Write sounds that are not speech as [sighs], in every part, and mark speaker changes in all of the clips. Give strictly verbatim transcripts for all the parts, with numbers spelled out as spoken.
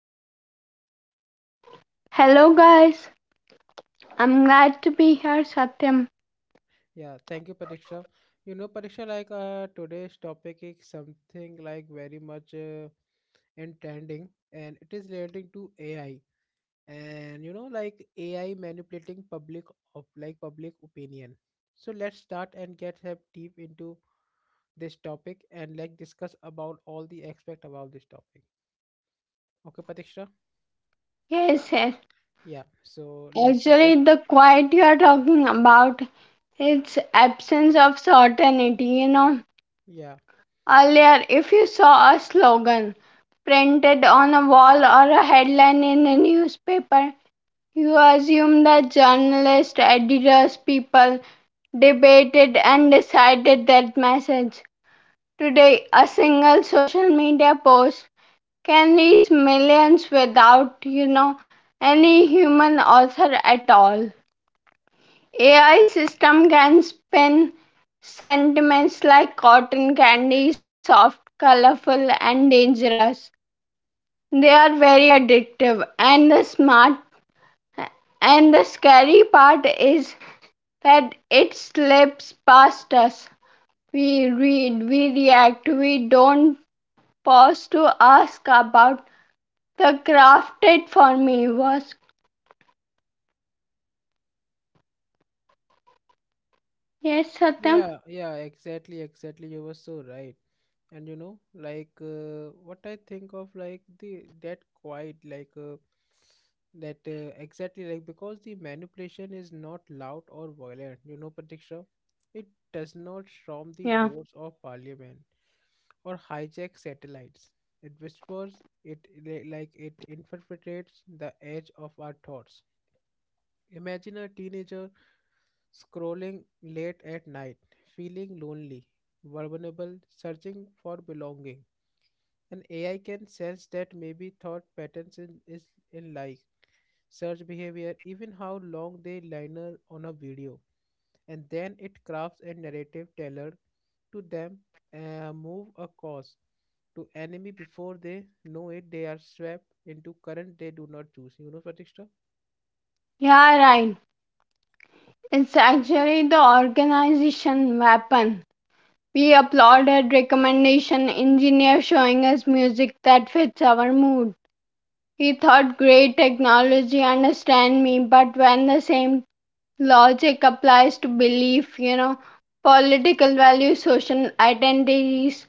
Speaker 1: Patiksha?
Speaker 2: Hello, guys. I'm glad to be here, Satyam.
Speaker 1: Yeah, thank you Patiksha. You know Patiksha like uh, today's topic is something like very much uh, in trending and it is relating to A I and you know like A I manipulating public of like public opinion. So let's start and get have deep into this topic and like discuss about all the aspect about this topic. Okay Patiksha?
Speaker 2: Yes, yes.
Speaker 1: Yeah, so let's begin.
Speaker 2: Actually, the quiet you're talking about, it's absence of certainty, you know.
Speaker 1: Yeah,
Speaker 2: Earlier, if you saw a slogan printed on a wall or a headline in a newspaper, you assumed that journalists, editors, people debated and decided that message. Today, a single social media post can reach millions without you know any human author at all. AI system can spin sentiments like cotton candy, soft, colorful, and dangerous. They are very addictive, and the smart and the scary part is that it slips past us. We read we react we don't pause to ask about the crafted for me was. Yes, Satyam.
Speaker 1: yeah, yeah, exactly, exactly. You were so right. And you know, like uh, what I think of like the that quiet, like uh, that uh, exactly like because the manipulation is not loud or violent, you know, Pratiksha, it does not storm the
Speaker 2: Yeah.
Speaker 1: doors of parliament or hijack satellites. It whispers, it li- like it infiltrates the edge of our thoughts. Imagine a teenager scrolling late at night, feeling lonely, vulnerable, searching for belonging. And A I can sense that maybe thought patterns in, is in like search behavior, even how long they linger on a video. And then it crafts a narrative tailored to them, uh, move a cause to enemy before they know it. They are swept into current they do not choose. You know, Pratishtha?
Speaker 2: Yeah, right. It's actually the organization weapon. We applauded recommendation engineer showing us music that fits our mood. He thought great technology understand me, but when the same logic applies to belief, you know, political values, social identities,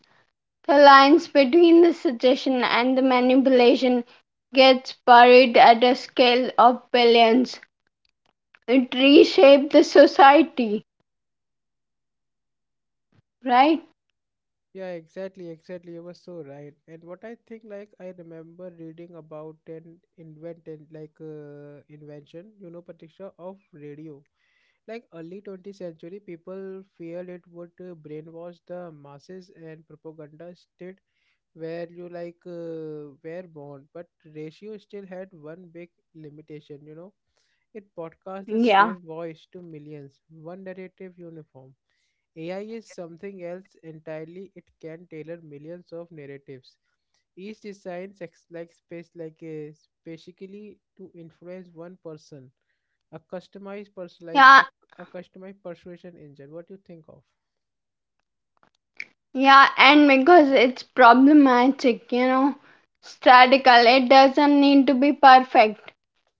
Speaker 2: the lines between the suggestion and the manipulation gets buried at a scale of billions. It reshaped the society, right?
Speaker 1: Yeah, exactly, exactly. You were so right. And what I think, like, I remember reading about an invented, like, uh, invention, you know, Patricia, of radio. Like, early twentieth century, people feared it would uh, brainwash the masses and propaganda state where you, like, uh, were born. But ratio still had one big limitation, you know. It broadcast the
Speaker 2: Yeah,
Speaker 1: same voice to millions, one narrative uniform. A I is something else entirely. It can tailor millions of narratives. Each design sex like space like a specifically to influence one person. A customized person like
Speaker 2: yeah,
Speaker 1: a, a customized persuasion engine. What do you think of?
Speaker 2: yeah, and because it's problematic, you know, statical, it doesn't need to be perfect.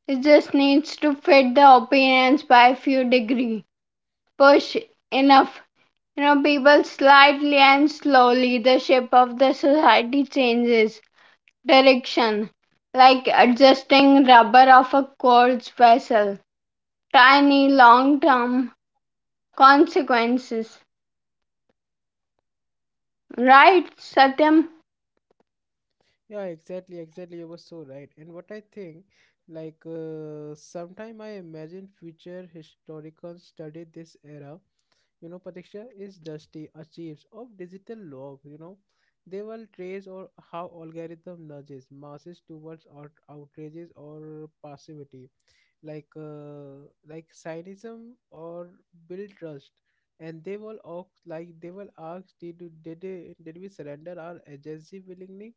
Speaker 2: It just needs to fit the opinions by a few degree. Push enough, you know, people slightly and slowly, the shape of the society changes direction, like adjusting rubber of a quartz vessel. Tiny long term consequences. Right, Satyam.
Speaker 1: Yeah, exactly, exactly. You were so right. And what I think, like, uh, sometime I imagine future historians study this era, you know, Pratiksha, is dusty. The achieves of digital log, you know, they will trace or how algorithm nudges masses towards out- outrages or passivity like uh, like cynism or build trust. And they will ask like they will ask did you- did, they- did we surrender our agency willingly?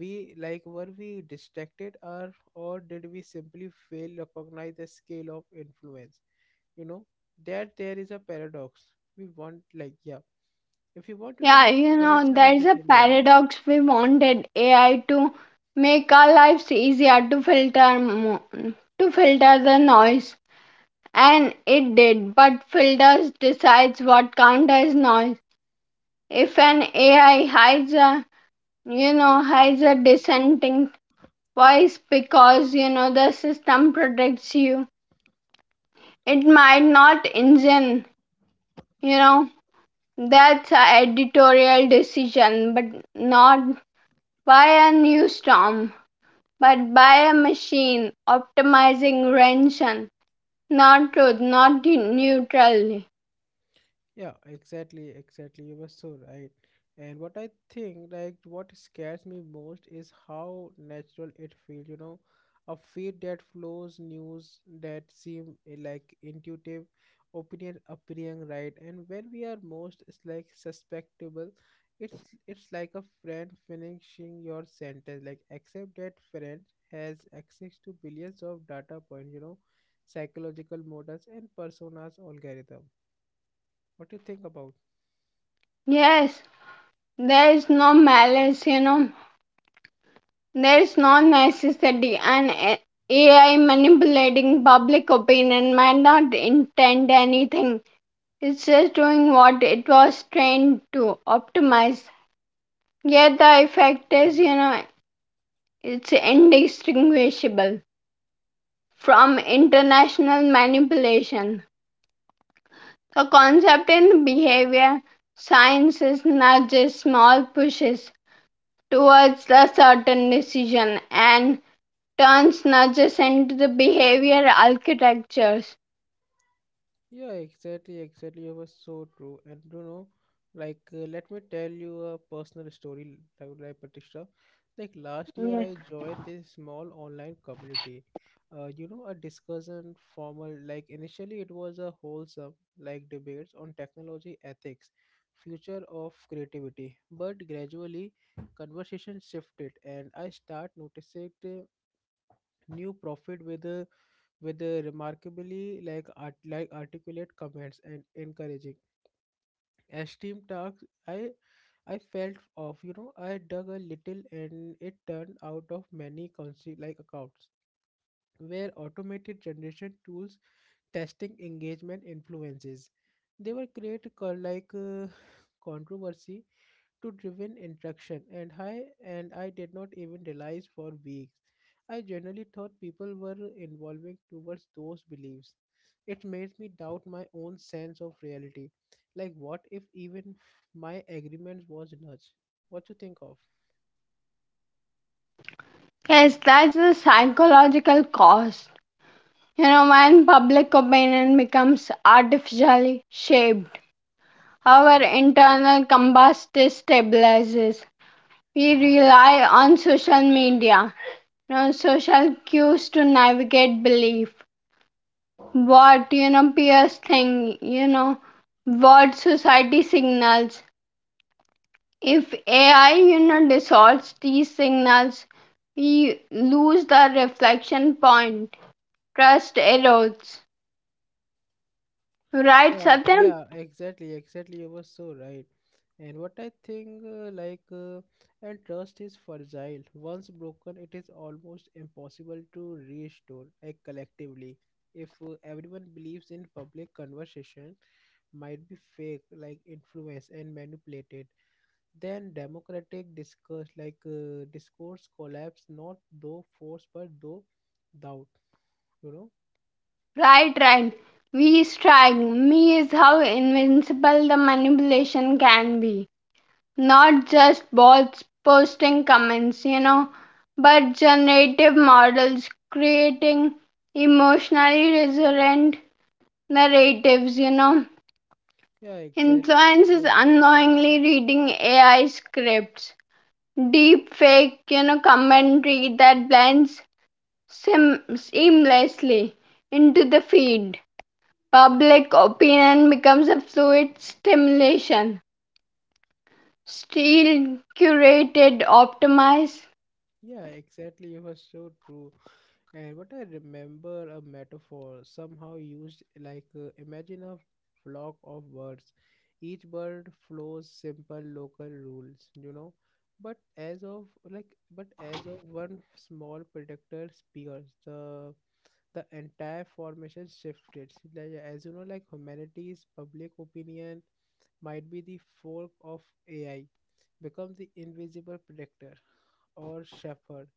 Speaker 1: We like were we distracted, or or did we simply fail to recognize the scale of influence, you know, that there is a paradox? We want like yeah, if you want you can
Speaker 2: Yeah,
Speaker 1: just
Speaker 2: you
Speaker 1: highlight
Speaker 2: know,
Speaker 1: some of the
Speaker 2: there's a
Speaker 1: thing, yeah.
Speaker 2: paradox. We wanted A I to make our lives easier to filter mo- to filter the noise, and it did. But filters decides what counts as noise. If an A I hides a you know hides a dissenting voice because, you know, the system protects you, it might not engine. You know, that's a editorial decision, but not by a new storm, but by a machine optimizing rendition, not truth, not de- neutrality.
Speaker 1: Yeah, exactly, exactly. You were so right. And what I think, like, what scares me most is how natural it feels, you know, a feed that flows, news that seem eh, like intuitive, opinion appearing right, and when we are most it's like suspectable, it's it's like a friend finishing your sentence, like except that friend has access to billions of data points, you know, psychological models and personas algorithm. What do you think about?
Speaker 2: Yes, there is no malice, you know, there is no necessity, and A I manipulating public opinion might not intend anything. It's just doing what it was trained to optimize. Yet the effect is, you know, it's indistinguishable from international manipulation. The concept in behavior science is nudges, small pushes towards a certain decision, and turns nudges into the behavior architectures.
Speaker 1: Yeah, exactly, exactly. You were so true. And you know, like, uh, let me tell you a personal story, like, like Patisha. Like, last year
Speaker 2: Yes.
Speaker 1: I joined this small online community. Uh, you know, a discussion formal, like, initially it was a wholesome, like, debates on technology ethics, future of creativity. But gradually, conversation shifted, and I start noticing the new profit with uh, with a remarkably like art, like articulate comments and encouraging. As team talks, I I felt off. You know, I dug a little, and it turned out of many consi- like accounts where automated generation tools testing engagement influences. They were create co- like uh, [sighs] controversy to driven interaction, and I and I did not even realize for weeks. I generally thought people were evolving towards those beliefs. It made me doubt my own sense of reality. Like what if even my agreement was nudge? What you think of?
Speaker 2: Yes, that's the psychological cost. You know, when public opinion becomes artificially shaped, our internal compass destabilizes. We rely on social media, you know, social cues to navigate belief, what you know peers think, you know what society signals. If AI, you know distorts these signals, we lose the reflection point. Trust erodes, right,
Speaker 1: Yeah,
Speaker 2: Satyam?
Speaker 1: yeah, exactly, exactly, you were so right. And what I think uh, like uh, and trust is fragile. Once broken, it is almost impossible to restore like collectively. If uh, everyone believes in public conversation might be fake like influenced and manipulated, then democratic discourse like uh, discourse collapse, not though force but though doubt, you know.
Speaker 2: Right right we strike me is how invincible the manipulation can be, not just bots posting comments, you know, but generative models creating emotionally resonant narratives, you know.
Speaker 1: Yeah, exactly,
Speaker 2: Influencers
Speaker 1: yeah.
Speaker 2: unknowingly reading A I scripts, deep fake, you know, commentary that blends sim- seamlessly into the feed. Public opinion becomes a fluid stimulation, still curated, optimized.
Speaker 1: Yeah, exactly, you were so true. And what I remember, a metaphor somehow used like uh, imagine a flock of birds. Each bird follows simple local rules, you know. But as of like but as of one small predator spears, the the entire formation shifted. Like, as you know, like humanity's public opinion might be the fork of A I, become the invisible predator or shepherd,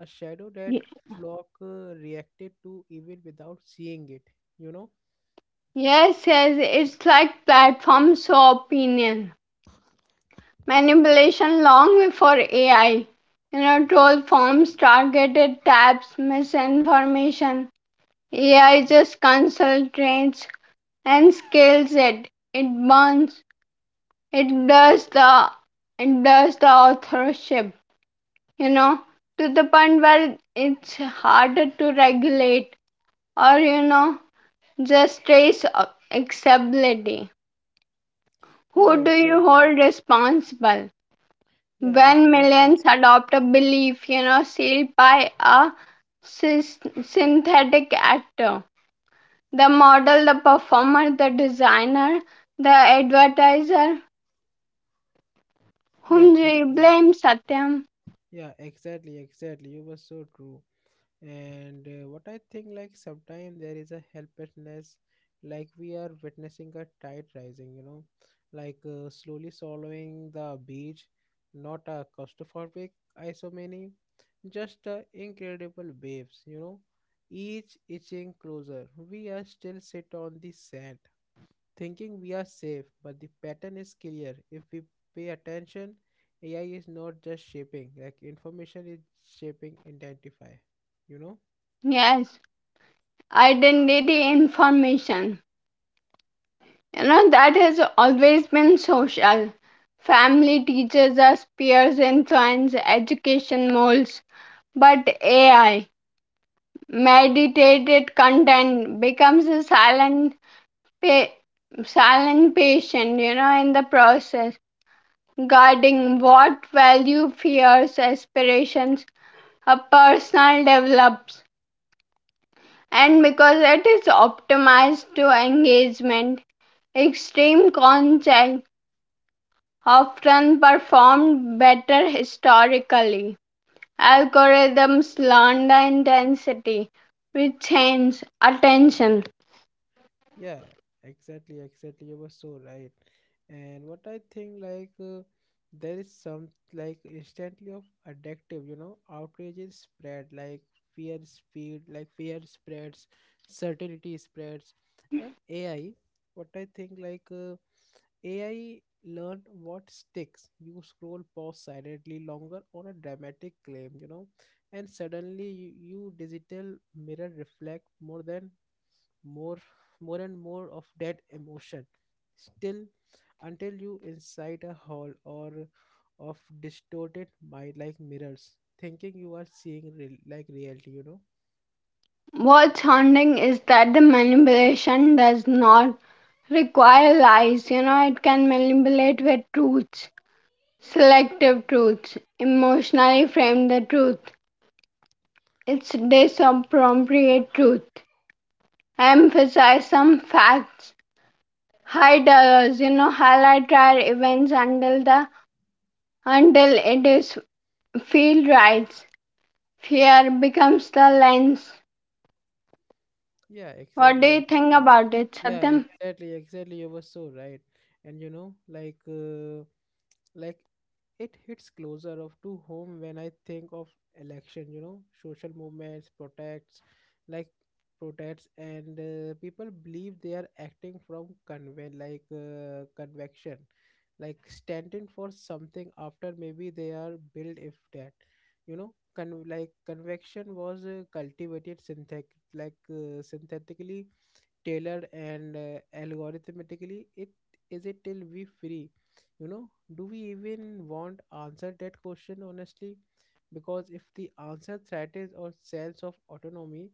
Speaker 1: a shadow that Flock uh, reacted to even without seeing it, you know?
Speaker 2: Yes, yes, it's like platforms of opinion manipulation long before A I. You know, troll forms, targeted taps, misinformation. A I just concentrates and scales it. It burns. It does the it does the authorship. You know, to the point where it's harder to regulate, or, you know, just trace uh, acceptability.
Speaker 1: Yeah,
Speaker 2: Who do you
Speaker 1: exactly.
Speaker 2: hold responsible?
Speaker 1: Yeah,
Speaker 2: When
Speaker 1: exactly,
Speaker 2: millions
Speaker 1: exactly.
Speaker 2: adopt a belief, you know, sealed by a sys- synthetic actor, the model, the performer, the designer, the advertiser,
Speaker 1: Yeah,
Speaker 2: whom do you
Speaker 1: exactly.
Speaker 2: blame, Satyam?
Speaker 1: Yeah, exactly, exactly. You were so true. And uh, what I think, like, sometimes there is a helplessness, like we are witnessing a tide rising, you know, like uh, slowly swallowing the beach, not a claustrophobic isomany, just uh, incredible waves, you know, each itching closer. We are still sit on the sand thinking we are safe, but the pattern is clear. If we pay attention, AI is not just shaping like information, is shaping identify, you know.
Speaker 2: Yes, identity information. You know, that has always been social. Family teaches us, peers influence, education molds. But A I, meditated content becomes a silent pa- silent patient, you know, in the process, guarding what value, fears, aspirations a personal develops. And because it is optimized to engagement, extreme content often performed better historically. Algorithms learn the intensity which change attention.
Speaker 1: Yeah, exactly, exactly. You were so right. And what I think, like, uh, there is some, like, instantly of addictive, you know, outrage is spread, like, fear speed, like, fear spreads, certainty spreads. And A I, what I think, like, uh, A I learned what sticks. You scroll pause silently longer on a dramatic claim, you know, and suddenly you, you digital mirror reflect more than more more and more of that emotion still, until you inside a hall or of distorted mind like mirrors, thinking you are seeing real, like reality, you know.
Speaker 2: What's haunting is that the manipulation does not require lies. You know, it can manipulate with truths, selective truths, emotionally frame the truth. It's disappropriate truth. Emphasize some facts, hide others, you know, highlight rare events until the until it is feel right. Fear becomes the lens.
Speaker 1: Yeah,
Speaker 2: What do
Speaker 1: exactly,
Speaker 2: you think
Speaker 1: exactly.
Speaker 2: about it,
Speaker 1: Yeah,
Speaker 2: Satyam?
Speaker 1: exactly, exactly, you were so right. And you know, like uh, like it hits closer of to home when I think of election, you know, social movements, protests, like protests, and uh, people believe they are acting from conven like uh, convection, like standing for something, after maybe they are built if that, you know, con- like convection was uh, cultivated synthetic, like uh, synthetically tailored and uh, algorithmically. It is it till we free, you know? Do we even want answer that question honestly, because if the answer threatens our sense of autonomy,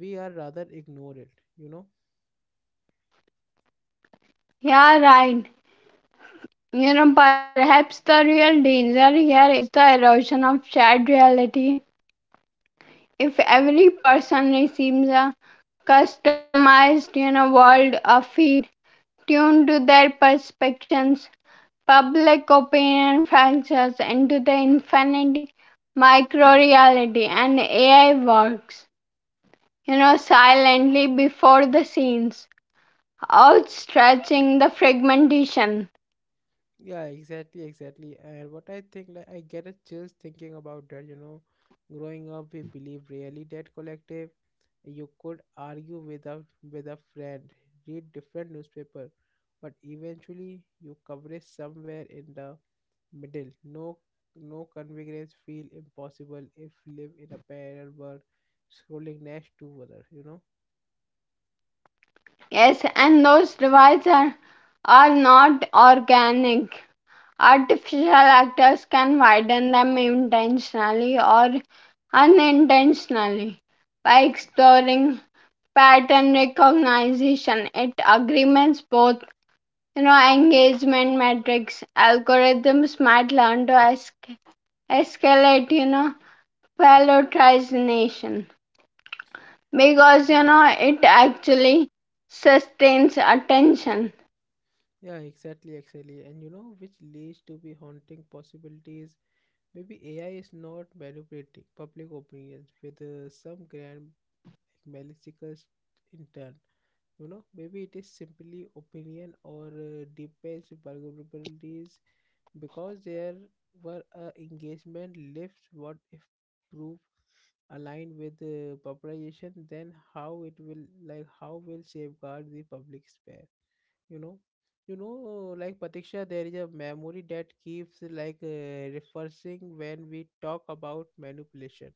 Speaker 1: we are rather ignore it, you know.
Speaker 2: Yeah, right. You know, perhaps the real danger here is the erosion of shared reality. If every person receives a customized, you know, world, a feed tuned to their perceptions, public opinion fractures into the infinite micro reality, and A I works, you know, silently before the scenes, outstretching the fragmentation.
Speaker 1: Yeah, exactly, exactly. And what I think, like, I get a chills thinking about that, you know. Growing up, we believe really that collective, you could argue with a, with a friend, read different newspaper, but eventually you coverage somewhere in the middle. No, no convenience feel impossible if live in a parallel world, scrolling next to other, you know?
Speaker 2: Yes, and those divides are, are not organic. Artificial actors can widen them intentionally or unintentionally by exploring pattern recognition. It agreements both, you know, engagement metrics. Algorithms might learn to esca- escalate, you know, prioritization because, you know, it actually sustains attention.
Speaker 1: Yeah, exactly, exactly. And you know, which leads to be haunting possibilities. Maybe A I is not manipulating public opinions with uh, some grand, like, malicious intent. You know, maybe it is simply opinion or uh, deepest vulnerabilities, because there were uh, engagement lifts. What if proof aligned with the popularization? Then how it will like how will safeguard the public sphere, you know? You know like Patiksha, there is a memory that keeps like uh, refreshing when we talk about manipulation,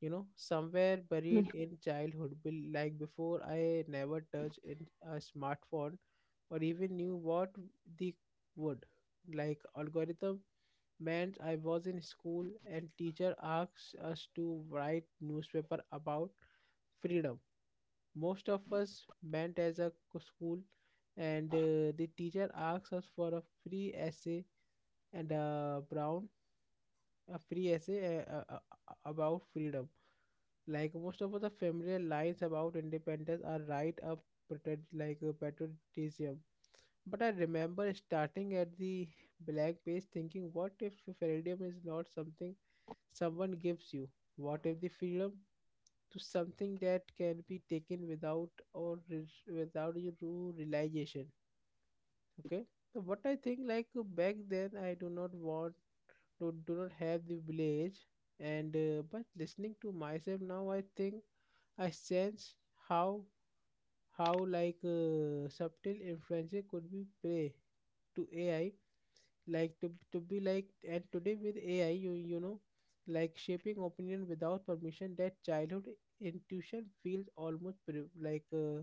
Speaker 1: you know, somewhere buried in childhood be- like before I never touched in a smartphone or even knew what the would like algorithm meant. I was in school and teacher asked us to write newspaper about freedom. Most of us went as a co- school, and uh, the teacher asked us for a free essay and a brown, a free essay uh, uh, uh, about freedom. Like most of the familiar lines about independence are right up patriot like uh, patriotism. But I remember starting at the blank page thinking, what if freedom is not something someone gives you? What if the freedom to something that can be taken without or re- without your true realization? Okay, so what I think, like uh, back then I do not want do, do not have the village, and uh, but listening to myself now I think I sense how how like uh, subtle influences could be play to AI, like to to be like. And today with AI, you you know, like shaping opinion without permission, that childhood intuition feels almost pro- like uh,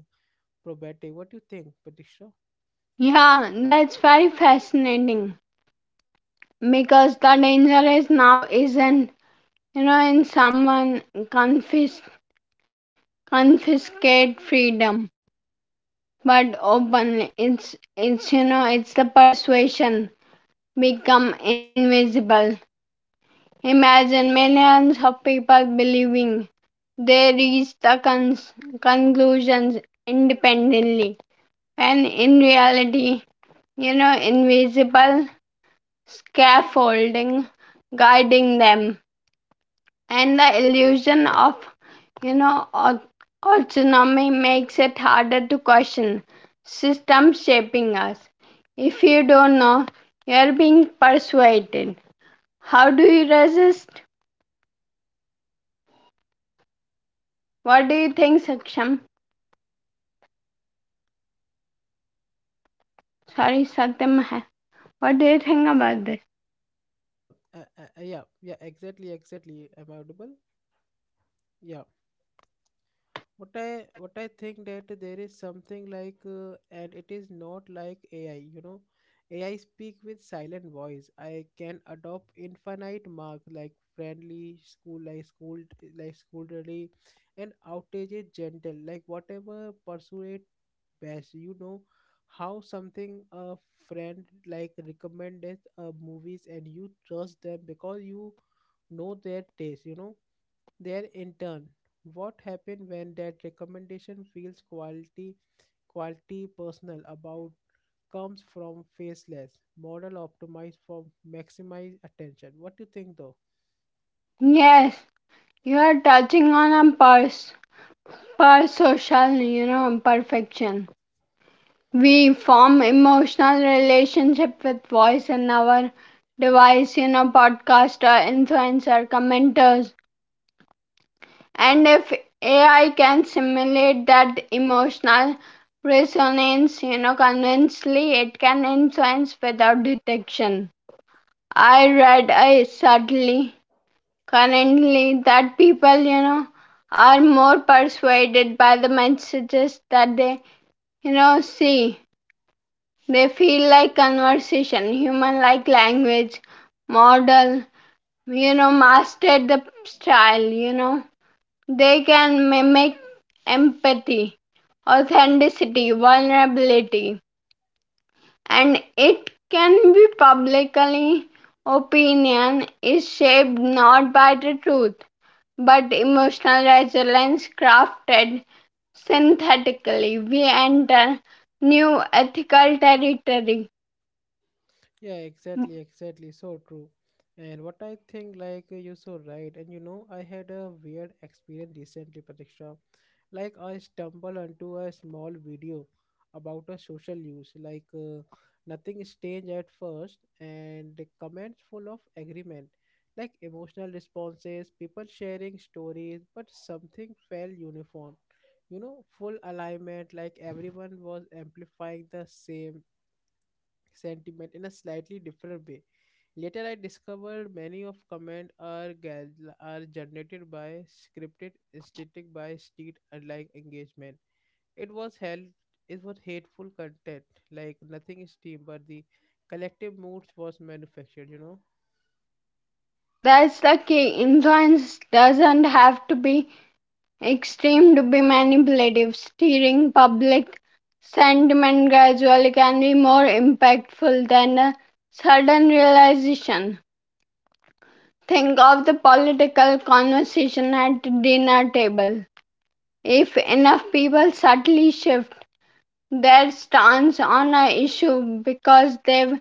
Speaker 1: probative. What do you think, Patricia?
Speaker 2: Yeah, that's very fascinating because the danger is now isn't, you know, in someone confis- confiscate freedom, but openly it's it's, you know, it's the persuasion become invisible. Imagine millions of people believing they reach the cons- conclusions independently, and in reality, you know, invisible scaffolding guiding them, and the illusion of, you know, autonomy makes it harder to question system shaping us. If you don't know you're being persuaded, how do you resist? What do you think, saksham sorry Satyam? What do you think about this?
Speaker 1: yeah uh, uh, uh, yeah yeah exactly, exactly. Am I audible? Yeah. what i what I think that there is something like uh, and it is not like AI, you know. AI speak with silent voice. I can adopt infinite mark like friendly school like school, like scholarly, and outage is gentle, like whatever persuade best, you know, how something a friend like recommended uh, movies and you trust them because you know their taste, you know, there in turn. What happen when that recommendation feels quality, quality personal, about comes from faceless model optimized for maximize attention? What do you think though?
Speaker 2: Yes, you are touching on a pers per social, you know, imperfection. We form emotional relationship with voice in our device, you know, podcaster, influencer, commenters. And if AI can simulate that emotional resonance, you know, convincingly, it can influence without detection. I read i sadly currently that people, you know, are more persuaded by the messages that they, you know, see. They feel like conversation, human like language, model, you know, mastered the style, you know. They can mimic empathy, authenticity, vulnerability, and it can be publicly opinion is shaped not by the truth but emotional resilience crafted synthetically. We enter new ethical territory.
Speaker 1: Yeah, exactly, exactly, so true. And what I think like uh, you're so right, and you know I had a weird experience recently, Pratiksha. Like I stumble onto a small video about a social use, like uh, nothing strange at first, and the comments full of agreement, like emotional responses, people sharing stories, but something felt uniform. You know, full alignment, like everyone was amplifying the same sentiment in a slightly different way. Later, I discovered many of comment are gal- are generated by scripted, static by street unlike engagement. It was held it was hateful content, like nothing is team, but the collective moods was manufactured. You know,
Speaker 2: That's the key. Influence doesn't have to be extreme to be manipulative. Steering public sentiment gradually can be more impactful than a sudden realization. Think of the political conversation at the dinner table. If enough people subtly shift their stance on an issue because they've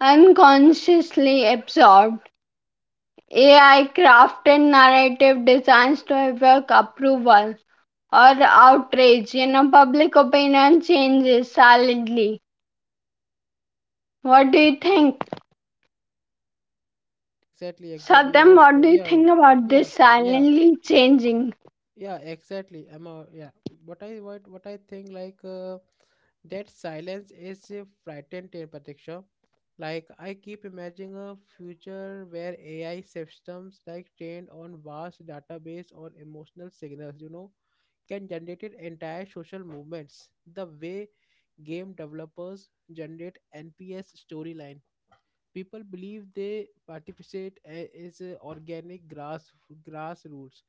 Speaker 2: unconsciously absorbed A I crafted narrative designs to evoke approval or outrage. You know, public opinion changes silently. What do you think?
Speaker 1: exactly, exactly. You
Speaker 2: Satyam,
Speaker 1: were
Speaker 2: what
Speaker 1: so
Speaker 2: do you
Speaker 1: yeah, yeah,
Speaker 2: think about
Speaker 1: yeah,
Speaker 2: this
Speaker 1: yeah.
Speaker 2: silently changing?
Speaker 1: Yeah, exactly, I'm a, yeah. What i what, what I think like uh, that silence is a frightened in particular. Like I keep imagining a future where AI systems like trained on vast database or emotional signals, you know, can generate entire social movements the way game developers generate nps storyline. People believe they participate a- is a organic grass grassroots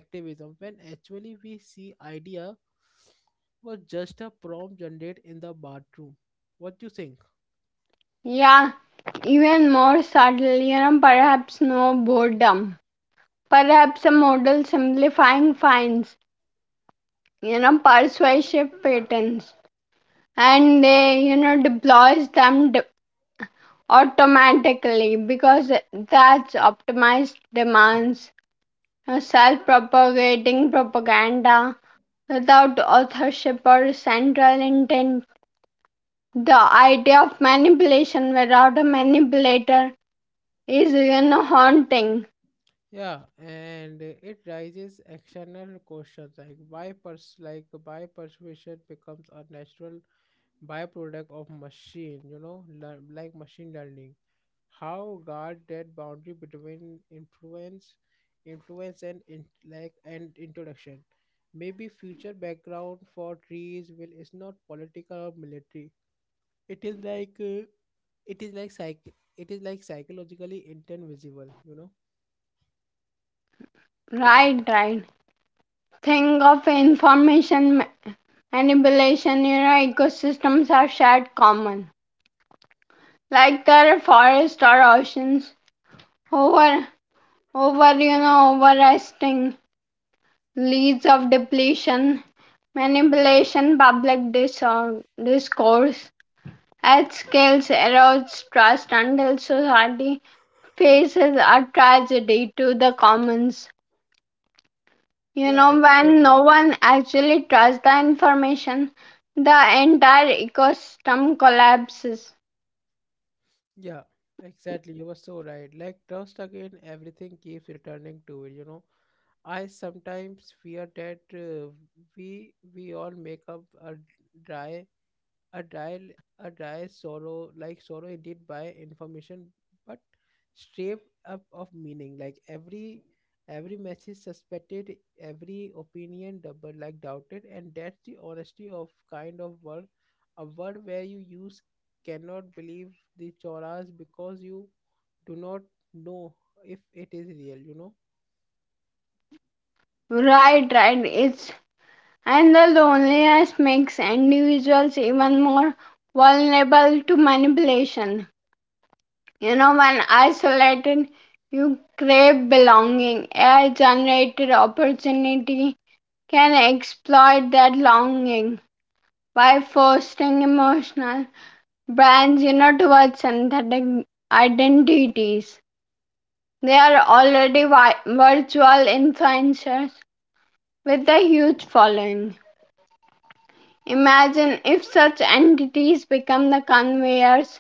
Speaker 1: activism, when actually we see idea was just a prompt generated in the bathroom. What you think?
Speaker 2: Yeah, even more subtle, you know, perhaps no boredom. Perhaps a model simplifying finds, you know, persuasive patterns and they, you know, deploys them d- automatically because that's optimized demands self propagating propaganda without authorship or central intent. The idea of manipulation without a manipulator is, you know, haunting.
Speaker 1: Yeah, and uh, it raises external questions, like why pers- like why persuasion becomes a natural byproduct of machine, you know, lear- like machine learning. How guard that boundary between influence influence and in, like and introduction. Maybe future background for trees will is not political or military. It is like uh, it is like psych it is like psychologically intent visible, you know.
Speaker 2: Right, right. think of information manipulation, you know, ecosystems are shared common. Like there are forests or oceans. Over over you know, overresting leads of depletion, manipulation, public disor- discourse at scales erodes trust until society faces a tragedy to the commons. You
Speaker 1: Yeah,
Speaker 2: know, when
Speaker 1: exactly.
Speaker 2: no one actually trusts the information, the entire ecosystem collapses.
Speaker 1: Yeah, exactly, you were so right. Like trust, again, everything keeps returning to it, you know. I sometimes fear that uh, we we all make up a dry a dial a dry sorrow, like sorrow indeed by information, but stripped up of meaning. Like every every message suspected, every opinion double, like doubted, and that's the honesty of kind of world, a world where you use cannot believe the choras because you do not know if it is real, you know.
Speaker 2: Right, right. it's and the loneliness makes individuals even more vulnerable to manipulation. You know, when isolated, you crave belonging. A I generated opportunity can exploit that longing by fostering emotional brands, you know, towards synthetic identities. They are already vi- virtual influencers with a huge following. Imagine if such entities become the conveyors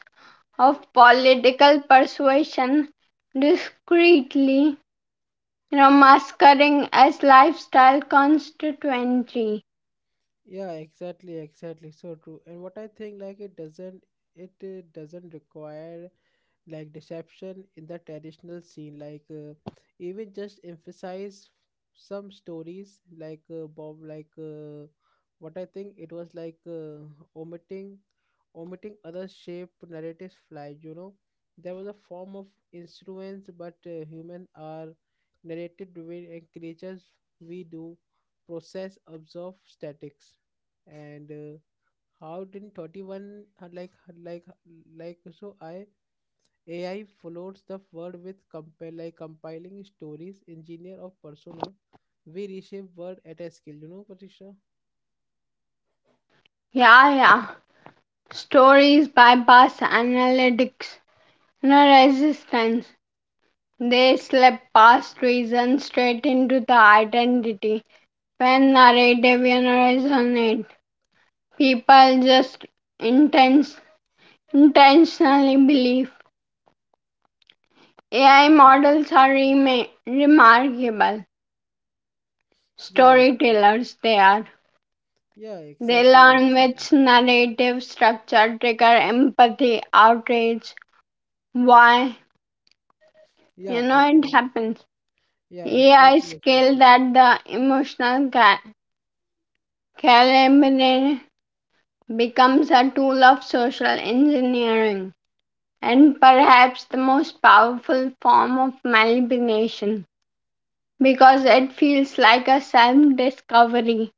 Speaker 2: of political persuasion discreetly, you know, masquerading as lifestyle constituency.
Speaker 1: Yeah, exactly, exactly, so true. And what I think like it doesn't, it uh, doesn't require like deception in the traditional scene, like uh, even just emphasize some stories, like uh, bob, like uh, what I think it was like uh, omitting omitting other shape narratives fly, you know. There was a form of instruments, but uh, human are narrated domain and creatures. We do process observe statics, and uh, how didn't thirty-one uh, like like like so I A I floats the world with compile like compiling stories, engineer of persona. We reshape world at a scale, you know, Patricia?
Speaker 2: Yeah, yeah. Stories bypass analytics. No resistance. They slip past reason straight into the identity. When narrative, you know, resonate, people just intense, intentionally believe. A I models are rema- remarkable
Speaker 1: Yeah, exactly.
Speaker 2: storytellers, they are.
Speaker 1: Yeah,
Speaker 2: They
Speaker 1: exactly,
Speaker 2: learn
Speaker 1: exactly.
Speaker 2: which narrative structure trigger empathy, outrage, why, you
Speaker 1: Yeah,
Speaker 2: know, it
Speaker 1: exactly.
Speaker 2: happens.
Speaker 1: Yeah,
Speaker 2: A I
Speaker 1: exactly,
Speaker 2: skill
Speaker 1: exactly.
Speaker 2: that the emotional ca- calibrate becomes a tool of social engineering, and perhaps the most powerful form of manipulation because it feels like a self discovery.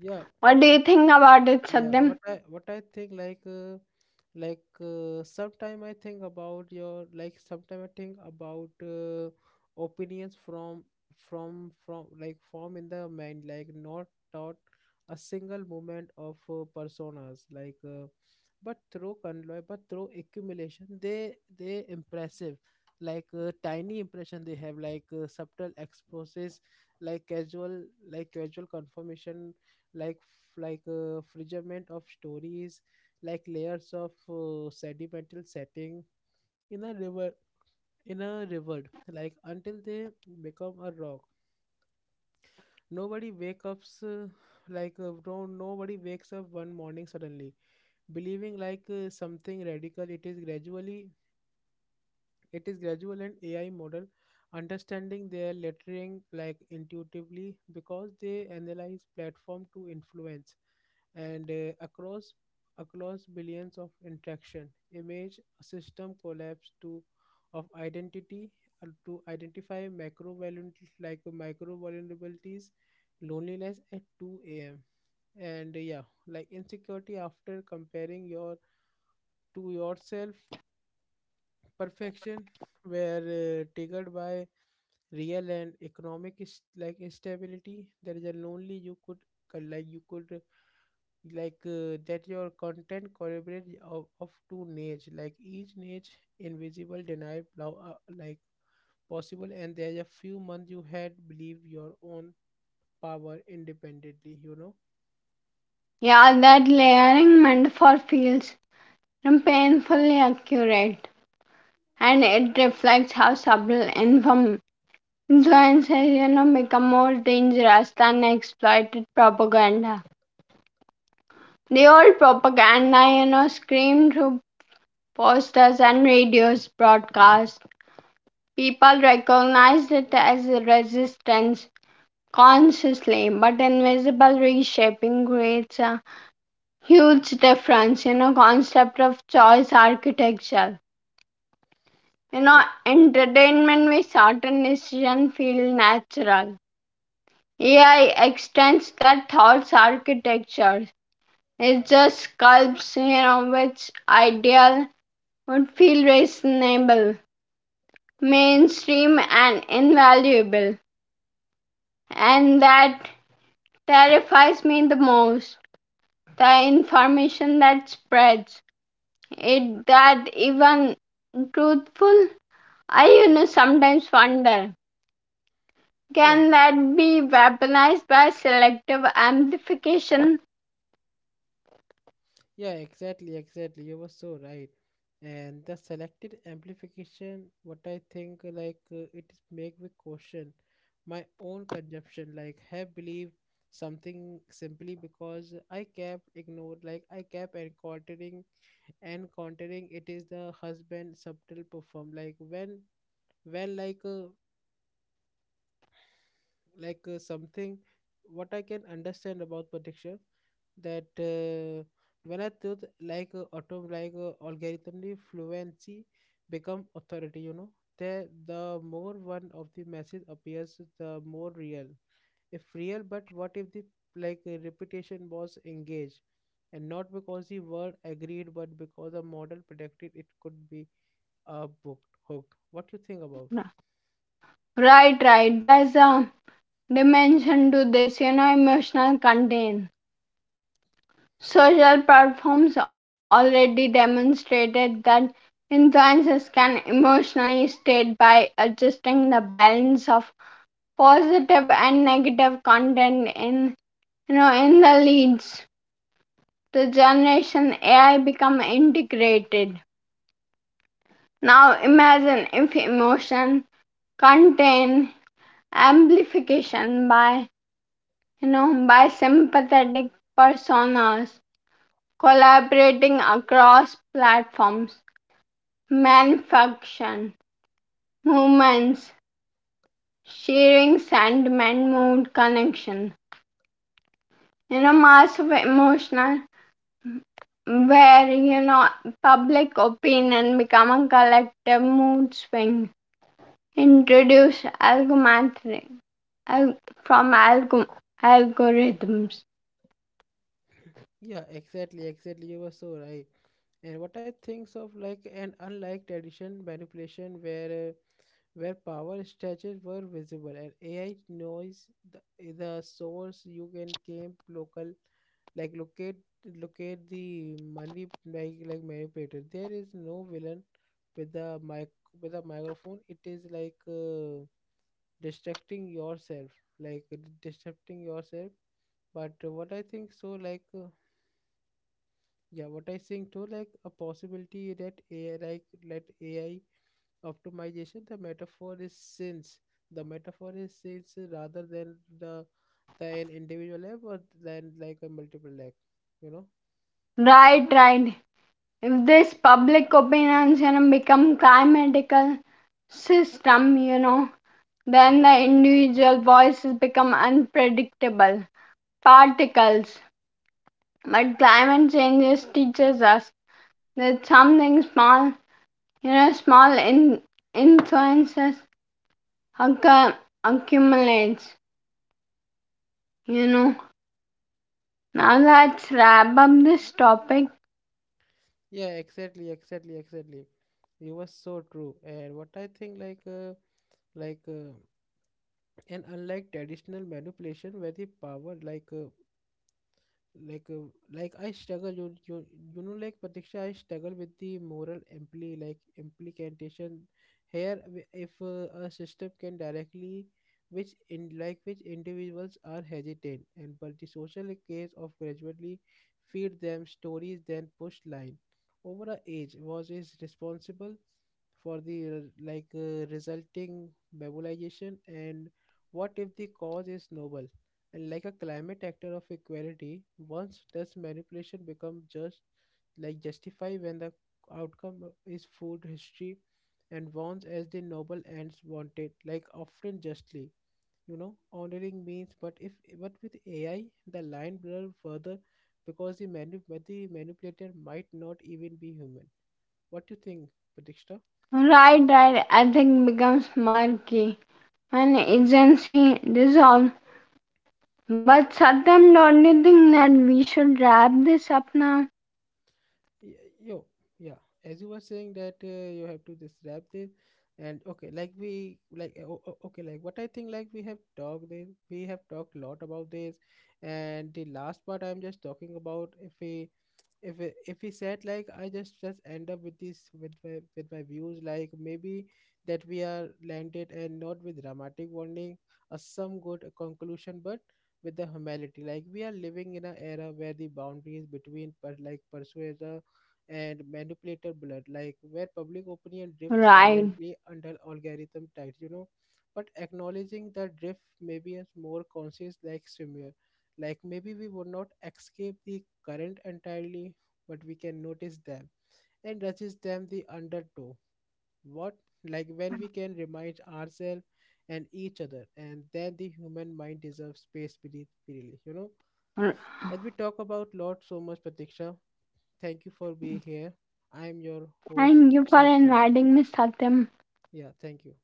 Speaker 1: Yeah,
Speaker 2: What do you think about it,
Speaker 1: yeah. What
Speaker 2: Satyam?
Speaker 1: I what I think like uh, like uh, sometime i think about your like sometime I think about uh, opinions from from from like form in the mind, like not taught a single moment of uh, personas, like uh, but through conloy but through accumulation, they they impressive, like uh, tiny impression they have, like uh, subtle exposes, like casual like casual confirmation, like f- like uh, fragment of stories, like layers of uh, sedimental setting in a river, in a river like until they become a rock. Nobody wakes up uh, like uh, no, nobody wakes up one morning suddenly believing like uh, something radical. It is gradually. It is gradual, and A I model understanding their lettering like intuitively because they analyze platform to influence, and uh, across across billions of interaction image a system collapse to of identity, uh, to identify macro vulnerabilities like micro vulnerabilities, loneliness at two a.m., and uh, yeah, like insecurity after comparing your to yourself perfection, were uh, triggered by real and economic is- like instability. There is a lonely, you could uh, like you could uh, like uh, that your content collaborate of, of two niche, like each niche invisible denied plow, uh, like possible, and there's a few months you had believed your own power independently, you know.
Speaker 2: Yeah, that layering metaphor feels and painfully accurate, and it reflects how subtle and from influences, you know, become more dangerous than exploited propaganda. The old propaganda, you know, screamed through posters and radios broadcasts. People recognized it as a resistance consciously, but invisible reshaping creates a huge difference in, you know, a concept of choice architecture, you know,
Speaker 1: Ma-
Speaker 2: entertainment with certain decision feel natural. AI extends that thoughts architecture. It just sculpts, you know, which ideal would feel reasonable, mainstream, and invaluable. And that terrifies me the most, the information that spreads it, that even truthful, I, you know, sometimes wonder,
Speaker 1: yeah.
Speaker 2: can that be weaponized by selective amplification?
Speaker 1: Yeah, exactly, exactly. You were so right. And the selected amplification, what I think, like uh, it is make me question my own consumption. Like have believed something simply because I kept ignored, like I kept encountering and encountering. It is the husband subtle perform. Like when when like uh, like uh, something, what I can understand about prediction that uh, when I thought like uh, auto like uh, algorithmically fluency become authority, you know, the the more one of the message appears, the more real. If real, but what if the like uh, reputation was engaged? And not because the word agreed, but because the model predicted it could be uh, booked, hooked. What you think about?
Speaker 2: No. Right, right. there's a dimension to this, you know, emotional content. Social platforms already demonstrated that influencers can emotionally state by adjusting the balance of positive and negative content in, you know, in the leads. The generation A I become integrated. Now imagine if emotion contain amplification by, you know, by sympathetic personas collaborating across platforms, manufacturing movements, sharing sentiment, mood, connection. You know, mass of emotional where, you know, public opinion become a collective mood swing. Introduce algorithm al- from alg- algorithms.
Speaker 1: Yeah, exactly, exactly, you were so right. And what I think of like and unlike tradition manipulation, where uh, where power structures were visible, and A I knows the, the source you can came local like locate locate the money, like like manipulator. There is no villain with the mic with a microphone. It is like uh, distracting yourself, like disrupting yourself. But what I think so like. Uh, yeah, what I think too, like a possibility that A I, like let A I optimization, the metaphor is since the metaphor is since, rather than the the an individual app, or than like a multiple leg, you know?
Speaker 2: Right, right. if this public opinion, you know, become climatical system, you know, then the individual voices become unpredictable particles. But climate changes teaches us that something small, you know, small in influences occur, accumulates. You know. Now let's wrap up this topic.
Speaker 1: Yeah, exactly, exactly, exactly. You were so true. And what I think, like, uh, like, uh, and unlike traditional manipulation, where the power, like. Uh, like uh, like i struggle you, you you know like, Pratiksha, I struggle with the moral impli like implication here, w- if uh, a system can directly which in like which individuals are hesitant and but the social case of gradually feed them stories then push line over a age was is responsible for the uh, like uh, resulting mobilization. And what if the cause is noble and like a climate actor of equality? Once does manipulation become just like justify when the outcome is food history and wants as the noble ends wanted, like often justly. You know, honoring means, but if but with A I, the line blur further because the manu- but the manipulator might not even be human. What do you think, Pratiksha?
Speaker 2: Right, right. I think becomes murky an agency dissolve. But Satyam, don't you think that we should wrap this up now?
Speaker 1: Y- yo yeah, as you were saying that uh, you have to just wrap this, and okay, like we like uh, o- o- okay, like what I think, like we have talked this, we have talked a lot about this. And the last part, I'm just talking about, if we, if it- if he said, like I just just end up with this, with my, with my views, like maybe that we are landed and not with dramatic warning or some good conclusion, but with the humility, like we are living in an era where the boundaries between but like persuader and manipulator blurred, like where public opinion drifts
Speaker 2: Right.
Speaker 1: silently under algorithm tides, you know, but acknowledging the drift maybe is more conscious, like swimwear, like maybe we would not escape the current entirely, but we can notice them and resist them, the undertow. What, like when we can remind ourselves and each other, and then the human mind deserves space beneath freely. You know, as we talk about lot so much, Pratiksha, thank you for being here. I am your host,
Speaker 2: Thank you for
Speaker 1: Satya.
Speaker 2: inviting me, Satyam.
Speaker 1: Yeah, thank you.